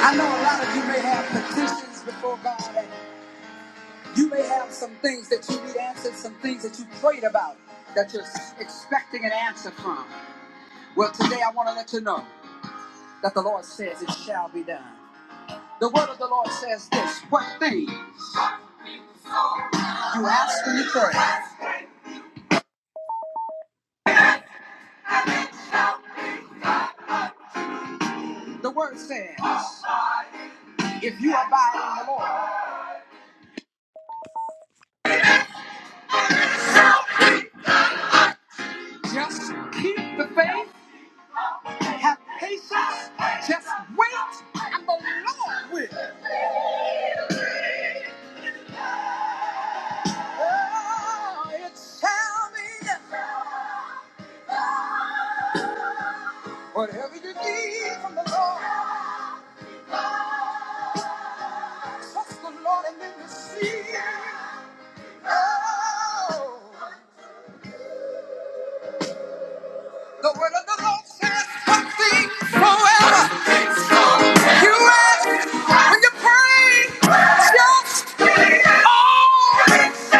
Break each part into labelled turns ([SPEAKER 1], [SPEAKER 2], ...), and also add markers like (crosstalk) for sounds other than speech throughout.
[SPEAKER 1] I know a lot of you may have petitions before God, and you may have some things that you need answered, some things that you prayed about that you're expecting an answer from. Well, today I want to let you know that the Lord says it shall be done. The word of the Lord says this what things you ask when you pray. The word says, if you abide in the Lord, just keep the faith, have patience, just wait, and the Lord will. Oh, it's shall be. Whatever you need from the Lord, trust the Lord and then receive. Oh, the word of the Lord says something forever. You ask when you pray, just oh,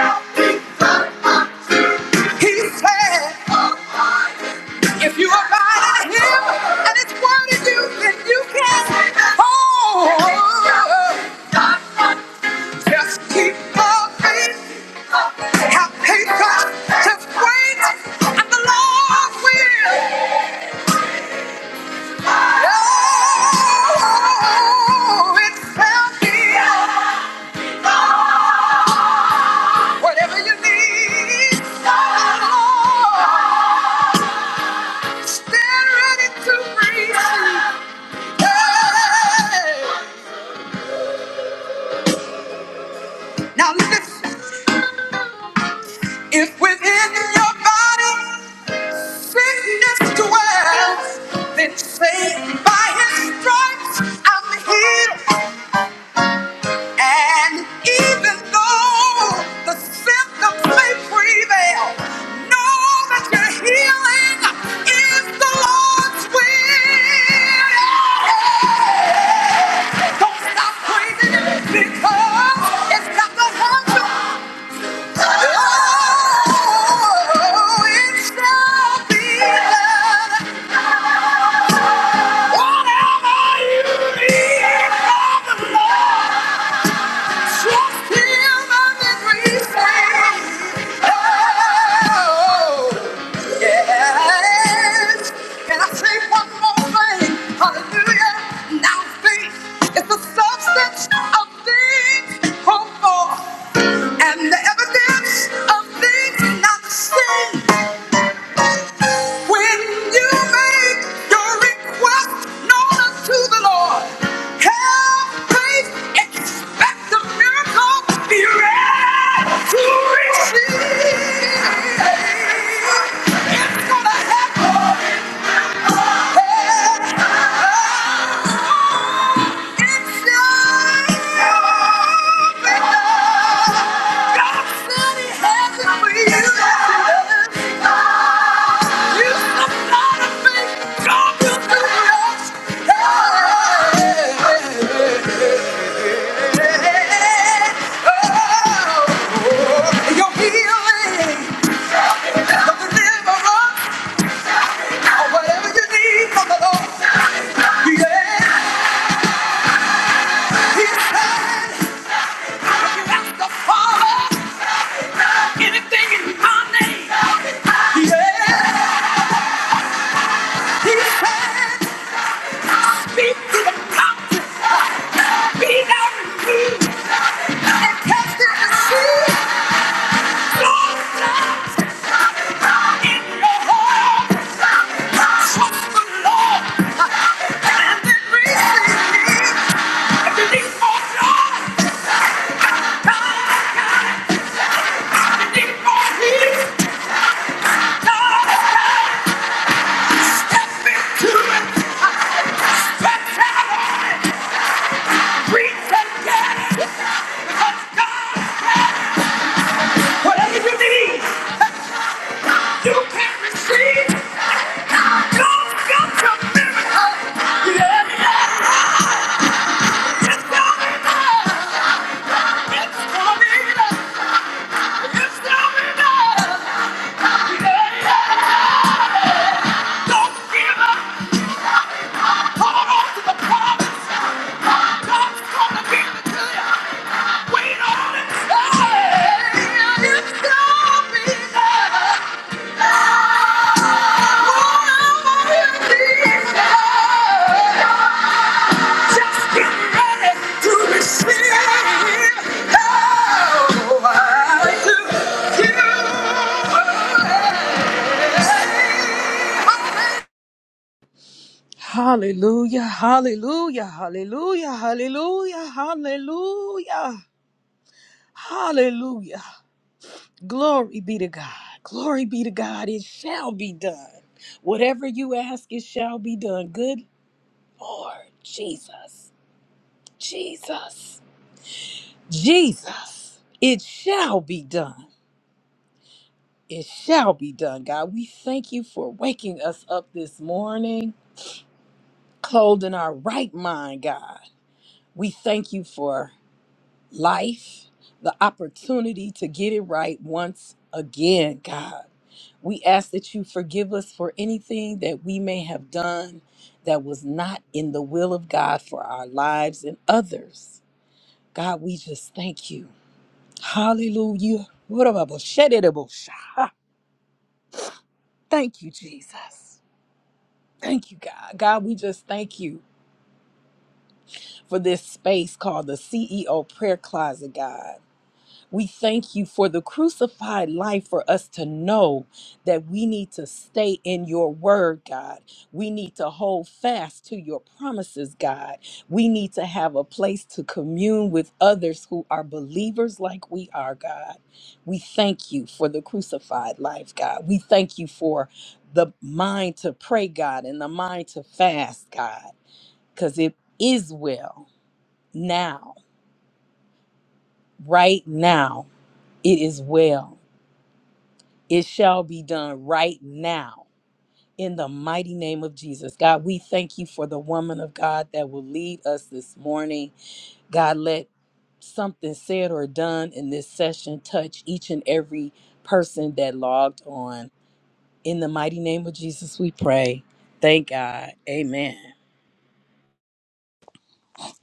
[SPEAKER 1] He said, if you abide in Him and His word in you, then you can oh, just keep on faith. Have patience. Just wait, and the Lord will. Oh, it shall be done. Whatever you need, the Lord stand ready to receive. Hey. Now listen, if within your body sickness dwells, then say by his stripes I'm healed. And even though the symptoms may prevail, know that your healing is the Lord's will. Don't stop praising him because it's not the hurt. Whatever you need from the Lord. Yes. Can I say one more thing? Hallelujah. Now faith is the substance of things hoped for and the evidence of things not seen. When you make your request known unto the Lord, have faith, expect a miracle, be ready to receive. It's gonna happen. Whatever you need from the Lord, yeah, He's had. If you ask the Father. Anything in my name. Yeah. He said, speak to the mountain. Be thou removed. And cast it the sea. Lord, in your heart. Trust the Lord. And then receive me. If you need more joy, God, has got it. if you need more healing, God, God, step into it. Wait on it! Hey, it's coming!
[SPEAKER 2] Hallelujah, hallelujah, hallelujah, hallelujah, hallelujah, hallelujah. Glory be to God. Glory be to God. It shall be done. Whatever you ask, it shall be done. Good Lord Jesus, Jesus, Jesus. It shall be done. It shall be done, God. We thank you for waking us up this morning, clothed in our right mind, God. We thank you for life, the opportunity to get it right once again, God. We ask that you forgive us for anything that we may have done that was not in the will of God for our lives and others. God, we just thank you. Hallelujah. What about the shed Thank you, Jesus. Thank you, God. God, we just thank you for this space called the CEO Prayer Closet, God. We thank you for the crucified life for us to know that we need to stay in your word, God. We need to hold fast to your promises, God. We need to have a place to commune with others who are believers like we are, God. We thank you for the crucified life, God. We thank you for the mind to pray, God, and the mind to fast, God, because it is well now, right now, it is well it shall be done right now in the mighty name of Jesus. God, we thank you for the woman of God that will lead us this morning. God, let something said or done in this session touch each and every person that logged on. In the mighty name of Jesus, we pray. Thank God. Amen.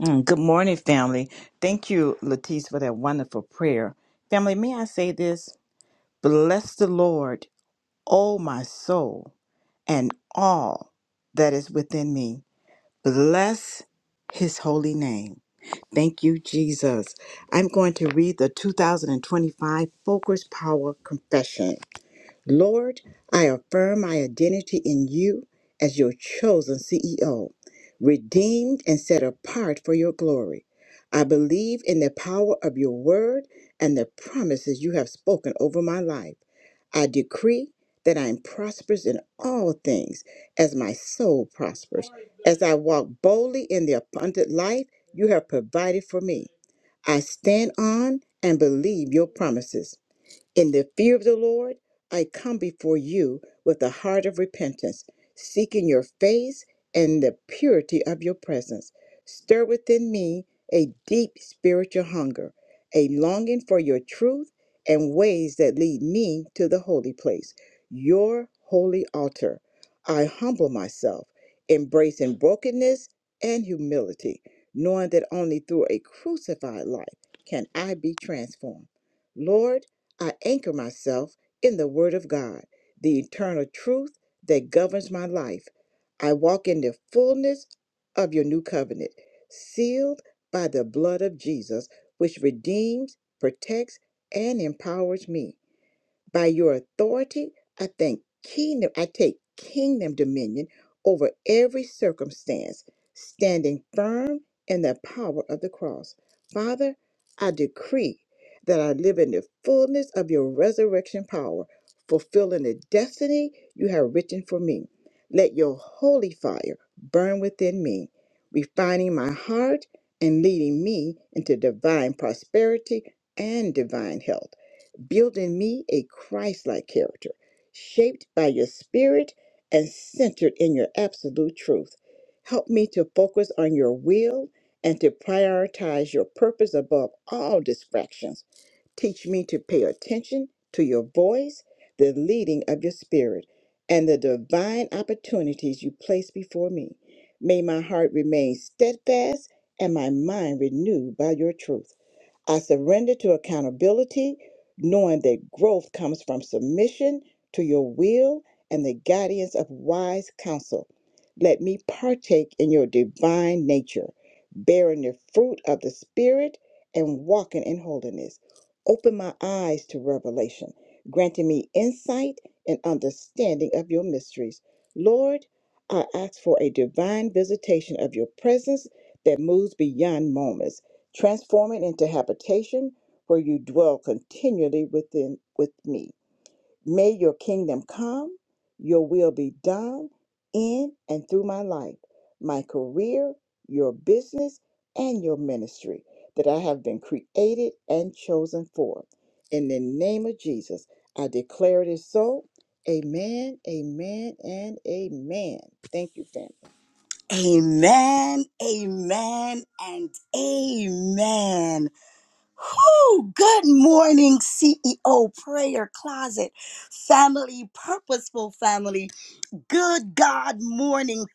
[SPEAKER 3] Mm, Good morning, family. Thank you, Latisse, for that wonderful prayer. Family, may I say this? Bless the Lord, O my soul, and all that is within me. Bless his holy name. Thank you, Jesus. I'm going to read the 2025 Focus Power Confession. Lord, I affirm my identity in you as your chosen CEO, redeemed and set apart for your glory. I believe in the power of your word and the promises you have spoken over my life. I decree that I am prosperous in all things as my soul prospers, as I walk boldly in the abundant life you have provided for me. I stand on and believe your promises. In the fear of the Lord, I come before you with a heart of repentance, seeking your face and the purity of your presence. Stir within me a deep spiritual hunger, a longing for your truth and ways that lead me to the holy place, your holy altar. I humble myself, embracing brokenness and humility, knowing that only through a crucified life can I be transformed. Lord, I anchor myself in the Word of God, the eternal truth that governs my life. I walk in the fullness of your new covenant, sealed by the blood of Jesus, which redeems, protects, and empowers me. By your authority, I think kingdom, I take kingdom dominion over every circumstance, standing firm in the power of the cross. Father, I decree that I live in the fullness of your resurrection power, fulfilling the destiny you have written for me. Let your holy fire burn within me, refining my heart and leading me into divine prosperity and divine health build in me a Christ like character, shaped by your spirit and centered in your absolute truth. Help me to focus on your will and to prioritize your purpose above all distractions. Teach me to pay attention to your voice, the leading of your spirit, and the divine opportunities you place before me. May my heart remain steadfast and my mind renewed by your truth. I surrender to accountability, knowing that growth comes from submission to your will and the guidance of wise counsel. Let me partake in your divine nature, bearing the fruit of the Spirit and walking in holiness. Open my eyes to revelation, granting me insight and understanding of your mysteries. Lord, I ask for a divine visitation of your presence that moves beyond moments Transform it into habitation where you dwell continually within with me. May your kingdom come, your will be done in and through my life, my career, your business, and your ministry that I have been created and chosen for. In the name of Jesus, I declare it is so. Amen, amen, and amen. Thank you, family.
[SPEAKER 1] Amen, amen, and amen. Ooh, good morning, CEO Prayer Closet, family, purposeful family. Good God morning.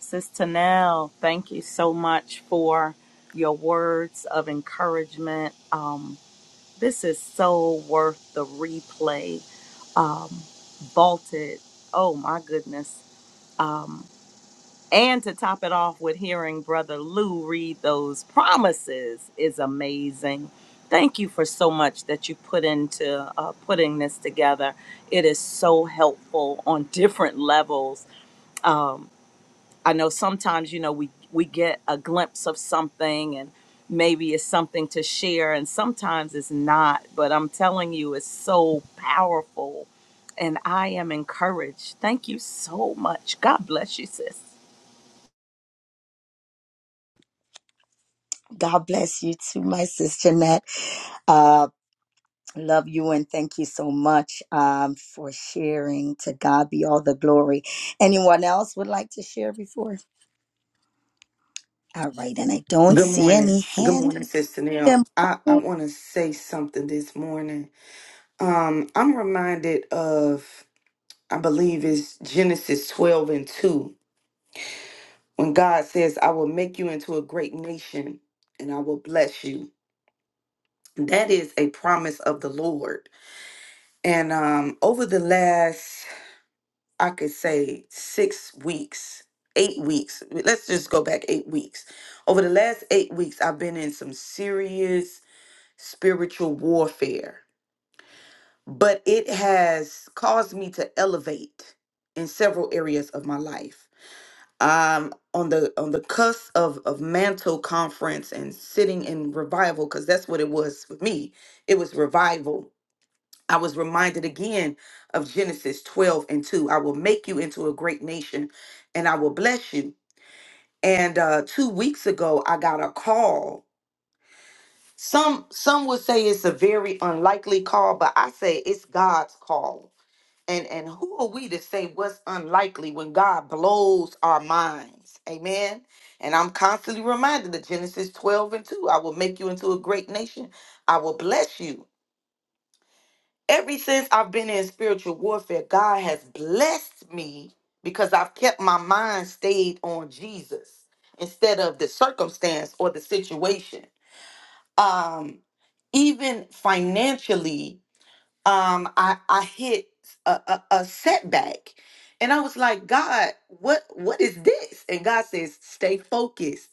[SPEAKER 4] Sister Nell, thank you so much for your words of encouragement. Um, this is so worth the replay. Um, vaulted. Oh my goodness. Um, and to top it off with hearing Brother Lou read those promises is amazing. Thank you for so much that you put into uh, putting this together. It is so helpful on (laughs) different levels. Um, I know sometimes you know we we get a glimpse of something and maybe it's something to share and sometimes it's not but I'm telling you it's so powerful and I am encouraged. Thank you so much. God bless you sis.
[SPEAKER 5] Good morning. Good morning, Sister Neil. I, I want to say something this morning. Um, I'm reminded of, I believe it's Genesis 12 and 2, when God says, I will make you into a great nation and I will bless you. That is a promise of the Lord. And um, over the last, I could say, six weeks, eight weeks, let's just go back eight weeks. Over the last eight weeks, I've been in some serious spiritual warfare, but it has caused me to elevate in several areas of my life. Um, on the on the cusp of of mantle conference and sitting in revival, because that's what it was for me. It was revival. I was reminded again of Genesis 12 and 2. I will make you into a great nation and I will bless you. And uh, two weeks ago, I got a call Some some would say it's a very unlikely call, but I say it's God's call. And and who are we to say what's unlikely when God blows our minds? Amen. And I'm constantly reminded of Genesis 12 and 2. I will make you into a great nation. I will bless you. Ever since I've been in spiritual warfare, God has blessed me because I've kept my mind stayed on Jesus instead of the circumstance or the situation um, even financially, um, I, I hit a, a, a setback. And I was like, God, what what is this? And God says, stay focused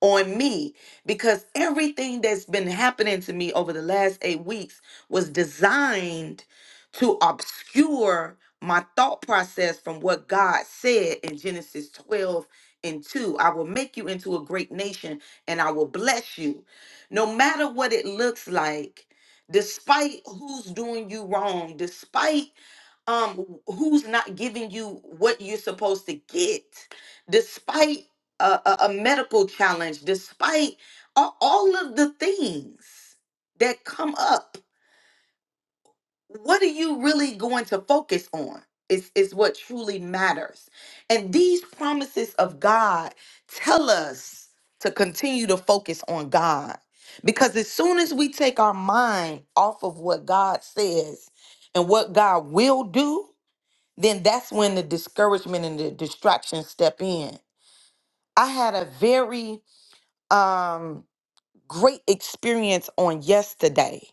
[SPEAKER 5] on me because everything that's been happening to me over the last eight weeks was designed to obscure my thought process from what God said in Genesis 12 and 2. I will make you into a great nation and I will bless you. No matter what it looks like, despite who's doing you wrong, despite um who's not giving you what you're supposed to get despite a, a, a medical challenge despite all, all of the things that come up what are you really going to focus on is is what truly matters and these promises of god tell us to continue to focus on god because as soon as we take our mind off of what god says and what god will do then that's when the discouragement and the distraction step in. I had a very um, great experience on yesterday.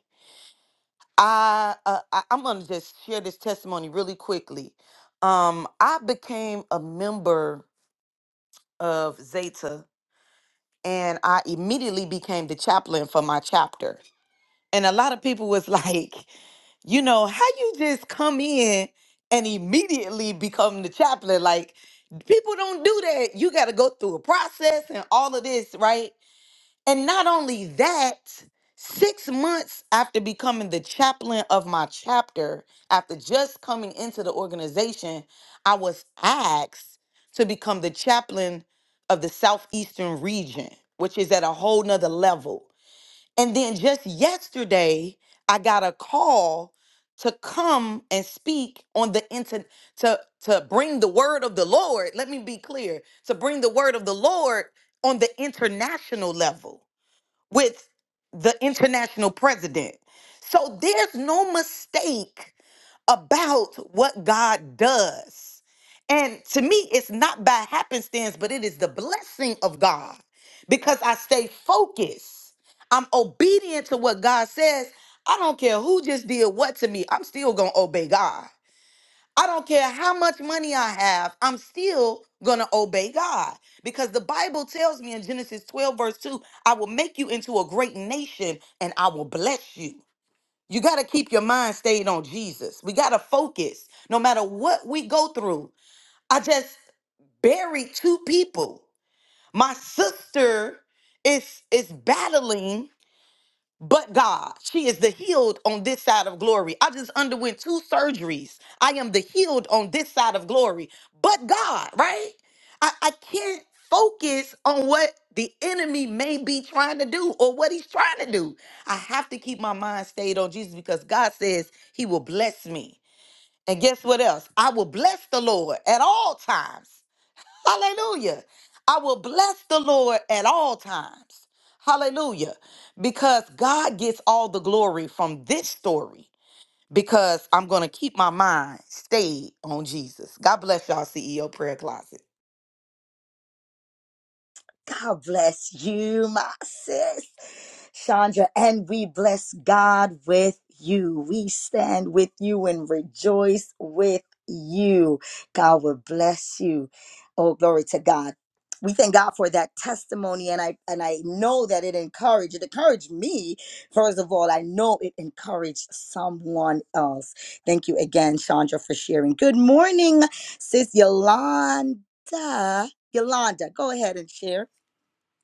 [SPEAKER 5] I, uh, I I'm gonna just share this testimony really quickly. Um, I became a member of Zeta, and I immediately became the chaplain for my chapter. And a lot of people was like, (laughs) you know how you just come in and immediately become the chaplain like people don't do that you got to go through a process and all of this right and not only that six months after becoming the chaplain of my chapter after just coming into the organization i was asked to become the chaplain of the southeastern region which is at a whole nother level and then just yesterday, I got a call to come and speak on the internet to to bring the word of the Lord. Let me be clear: to bring the word of the Lord on the international level with the international president. So there's no mistake about what God does. And to me, it's not by happenstance, but it is the blessing of God because I stay focused. I'm obedient to what God says. I don't care who just did what to me, I'm still going to obey God. I don't care how much money I have, I'm still going to obey God because the Bible tells me in Genesis 12, verse 2, I will make you into a great nation and I will bless you. You got to keep your mind stayed on Jesus. We got to focus no matter what we go through. I just buried two people. My sister is is battling but God. She is the healed on this side of glory. I just underwent two surgeries. I am the healed on this side of glory, but God, right? I, I can't focus on what the enemy may be trying to do or what he's trying to do. I have to keep my mind stayed on Jesus because God says he will bless me. And guess what else? I will bless the Lord at all times. Hallelujah. I will bless the Lord at all times. Hallelujah. Because God gets all the glory from this story because I'm going to keep my mind stayed on Jesus. God bless y'all, CEO Prayer Closet.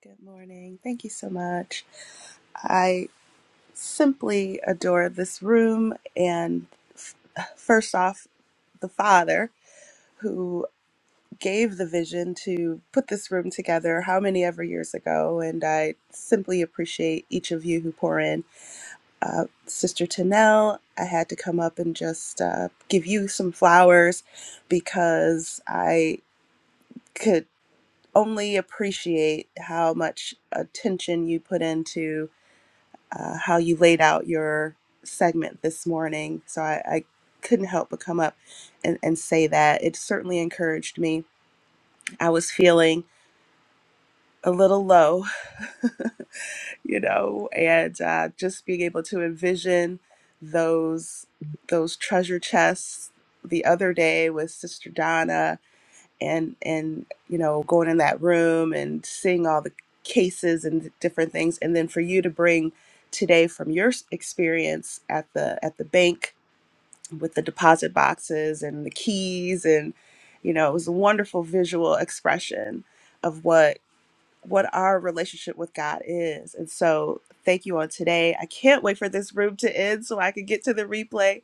[SPEAKER 6] Good morning. Thank you so much. I simply adore this room and f- first off, the Father who gave the vision to put this room together how many ever years ago. And I simply appreciate each of you who pour in. Uh, Sister Tanel, I had to come up and just uh, give you some flowers because I could only appreciate how much attention you put into uh, how you laid out your segment this morning. So I, I couldn't help but come up and, and say that. It certainly encouraged me. I was feeling a little low, (laughs) you know, and uh, just being able to envision those those treasure chests the other day with Sister Donna and and you know going in that room and seeing all the cases and different things and then for you to bring today from your s- experience at the at the bank with the deposit boxes and the keys and you know it was a wonderful visual expression of what what our relationship with God is and so thank you on today I can't wait for this room to end so I can get to the replay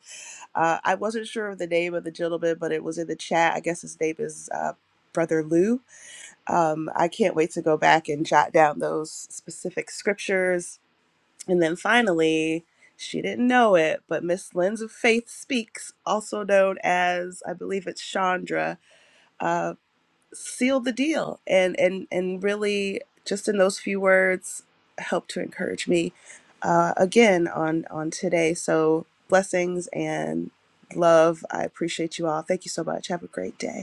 [SPEAKER 6] uh, I wasn't sure of the name of the gentleman, but it was in the chat. I guess his name is uh, Brother Lou. Um, I can't wait to go back and jot down those specific scriptures. And then finally, she didn't know it, but Miss Lens of Faith Speaks, also known as, I believe it's Chandra, uh, seal the deal and and and really just in those few words help to encourage me uh, again on on today so blessings and love i appreciate you all thank you so much have a great day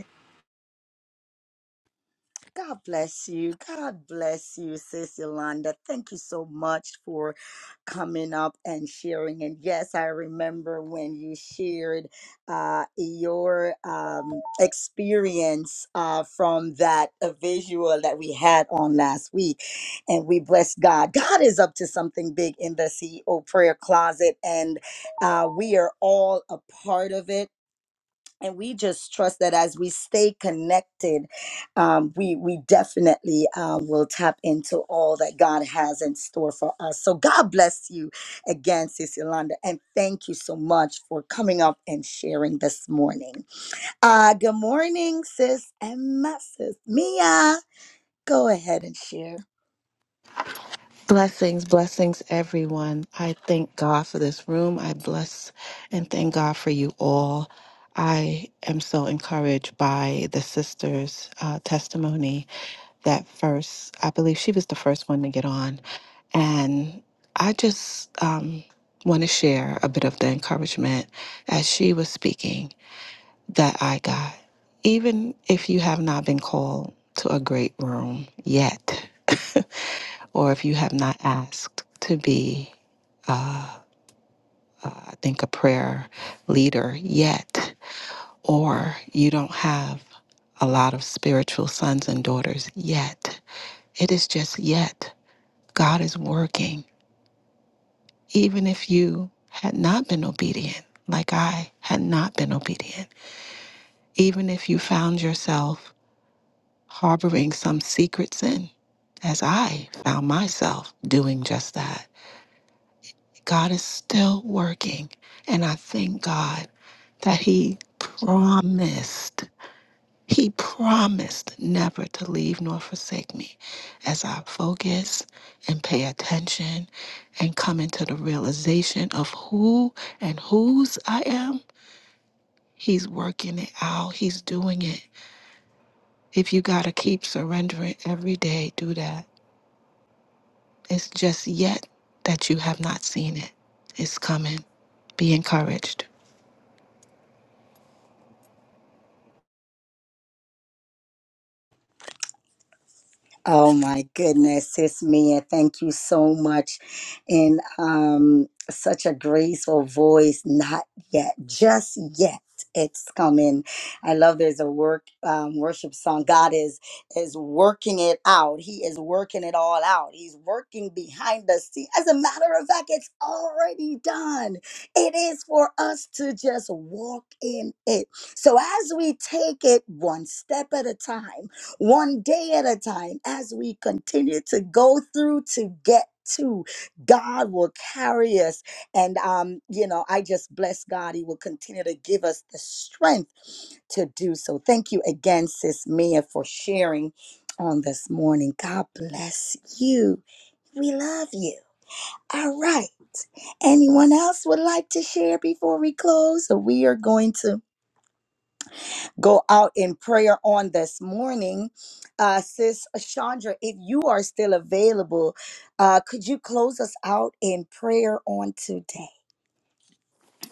[SPEAKER 7] Blessings, blessings, everyone. I thank God for this room. I bless and thank God for you all. I am so encouraged by the sister's uh, testimony that first, I believe she was the first one to get on. And I just um, want to share a bit of the encouragement as she was speaking that I got. Even if you have not been called to a great room yet, (laughs) or if you have not asked to be, uh, I think, a prayer leader yet, or you don't have a lot of spiritual sons and daughters yet, it is just yet. God is working, even if you had not been obedient, like I had not been obedient, even if you found yourself harboring some secret sin, as I found myself doing just that. God is still working. And I thank God that he promised. He promised never to leave nor forsake me as I focus and pay attention and come into the realization of who and whose I am. He's working it out, he's doing it. If you got to keep surrendering every day, do that. It's just yet that you have not seen it. It's coming. Be encouraged.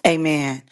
[SPEAKER 5] Amen.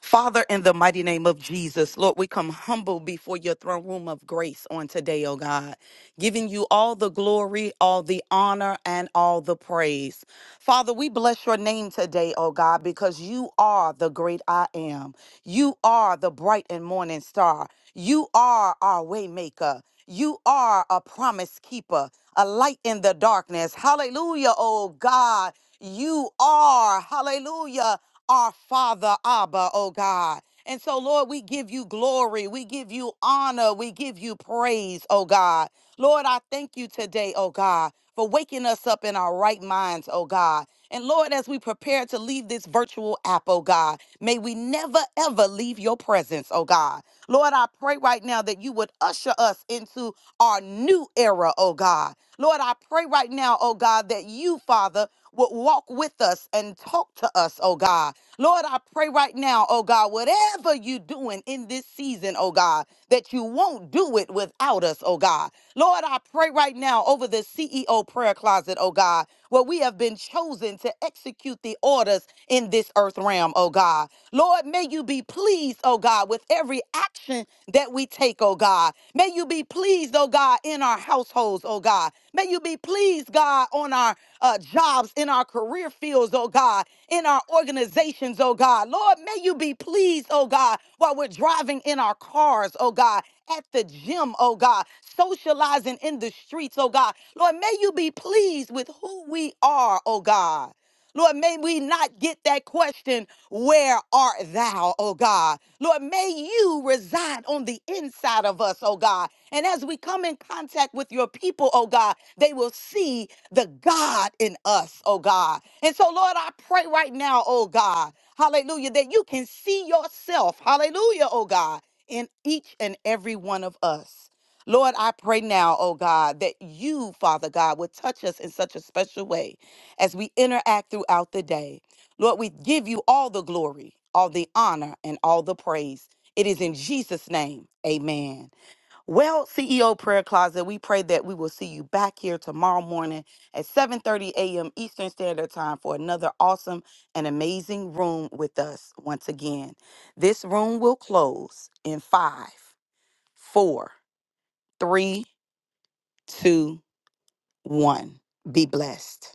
[SPEAKER 5] Father, in the mighty name of Jesus, Lord, we come humble before your throne room of grace on today, oh God, giving you all the glory, all the honor, and all the praise. Father, we bless your name today, oh God, because you are the great I am. You are the bright and morning star. You are our way maker. You are a promise keeper, a light in the darkness. Hallelujah, oh God. You are, hallelujah our Father Abba, oh God. And so, Lord, we give you glory. We give you honor. We give you praise, oh God. Lord, I thank you today, oh God, for waking us up in our right minds, oh God. And Lord, as we prepare to leave this virtual app, oh God, may we never ever leave your presence, oh God. Lord, I pray right now that you would usher us into our new era, oh God. Lord, I pray right now, oh God, that you, Father, would walk with us and talk to us, oh God. Lord, I pray right now, oh God, whatever you're doing in this season, oh God, that you won't do it without us, oh God. Lord, I pray right now over the CEO prayer closet, oh God, where we have been chosen to execute the orders in this earth realm, oh God. God. Lord, may you be pleased, oh God, with every action that we take, oh God. May you be pleased, oh God, in our households, oh God. May you be pleased, God, on our uh, jobs, in our career fields, oh God, in our organizations, oh God. Lord, may you be pleased, oh God, while we're driving in our cars, oh God, at the gym, oh God, socializing in the streets, oh God. Lord, may you be pleased with who we are, oh God. Lord, may we not get that question, Where art thou, oh God? Lord, may you reside on the inside of us, oh God. And as we come in contact with your people, oh God, they will see the God in us, oh God. And so, Lord, I pray right now, oh God, hallelujah, that you can see yourself, hallelujah, oh God, in each and every one of us. Lord, I pray now, oh God, that you, Father God, would touch us in such a special way as we interact throughout the day. Lord, we give you all the glory, all the honor, and all the praise. It is in Jesus' name. Amen. Well, CEO Prayer Closet, we pray that we will see you back here tomorrow morning at 7:30 a.m. Eastern Standard Time for another awesome and amazing room with us once again. This room will close in five, four, three, two, one. Be blessed.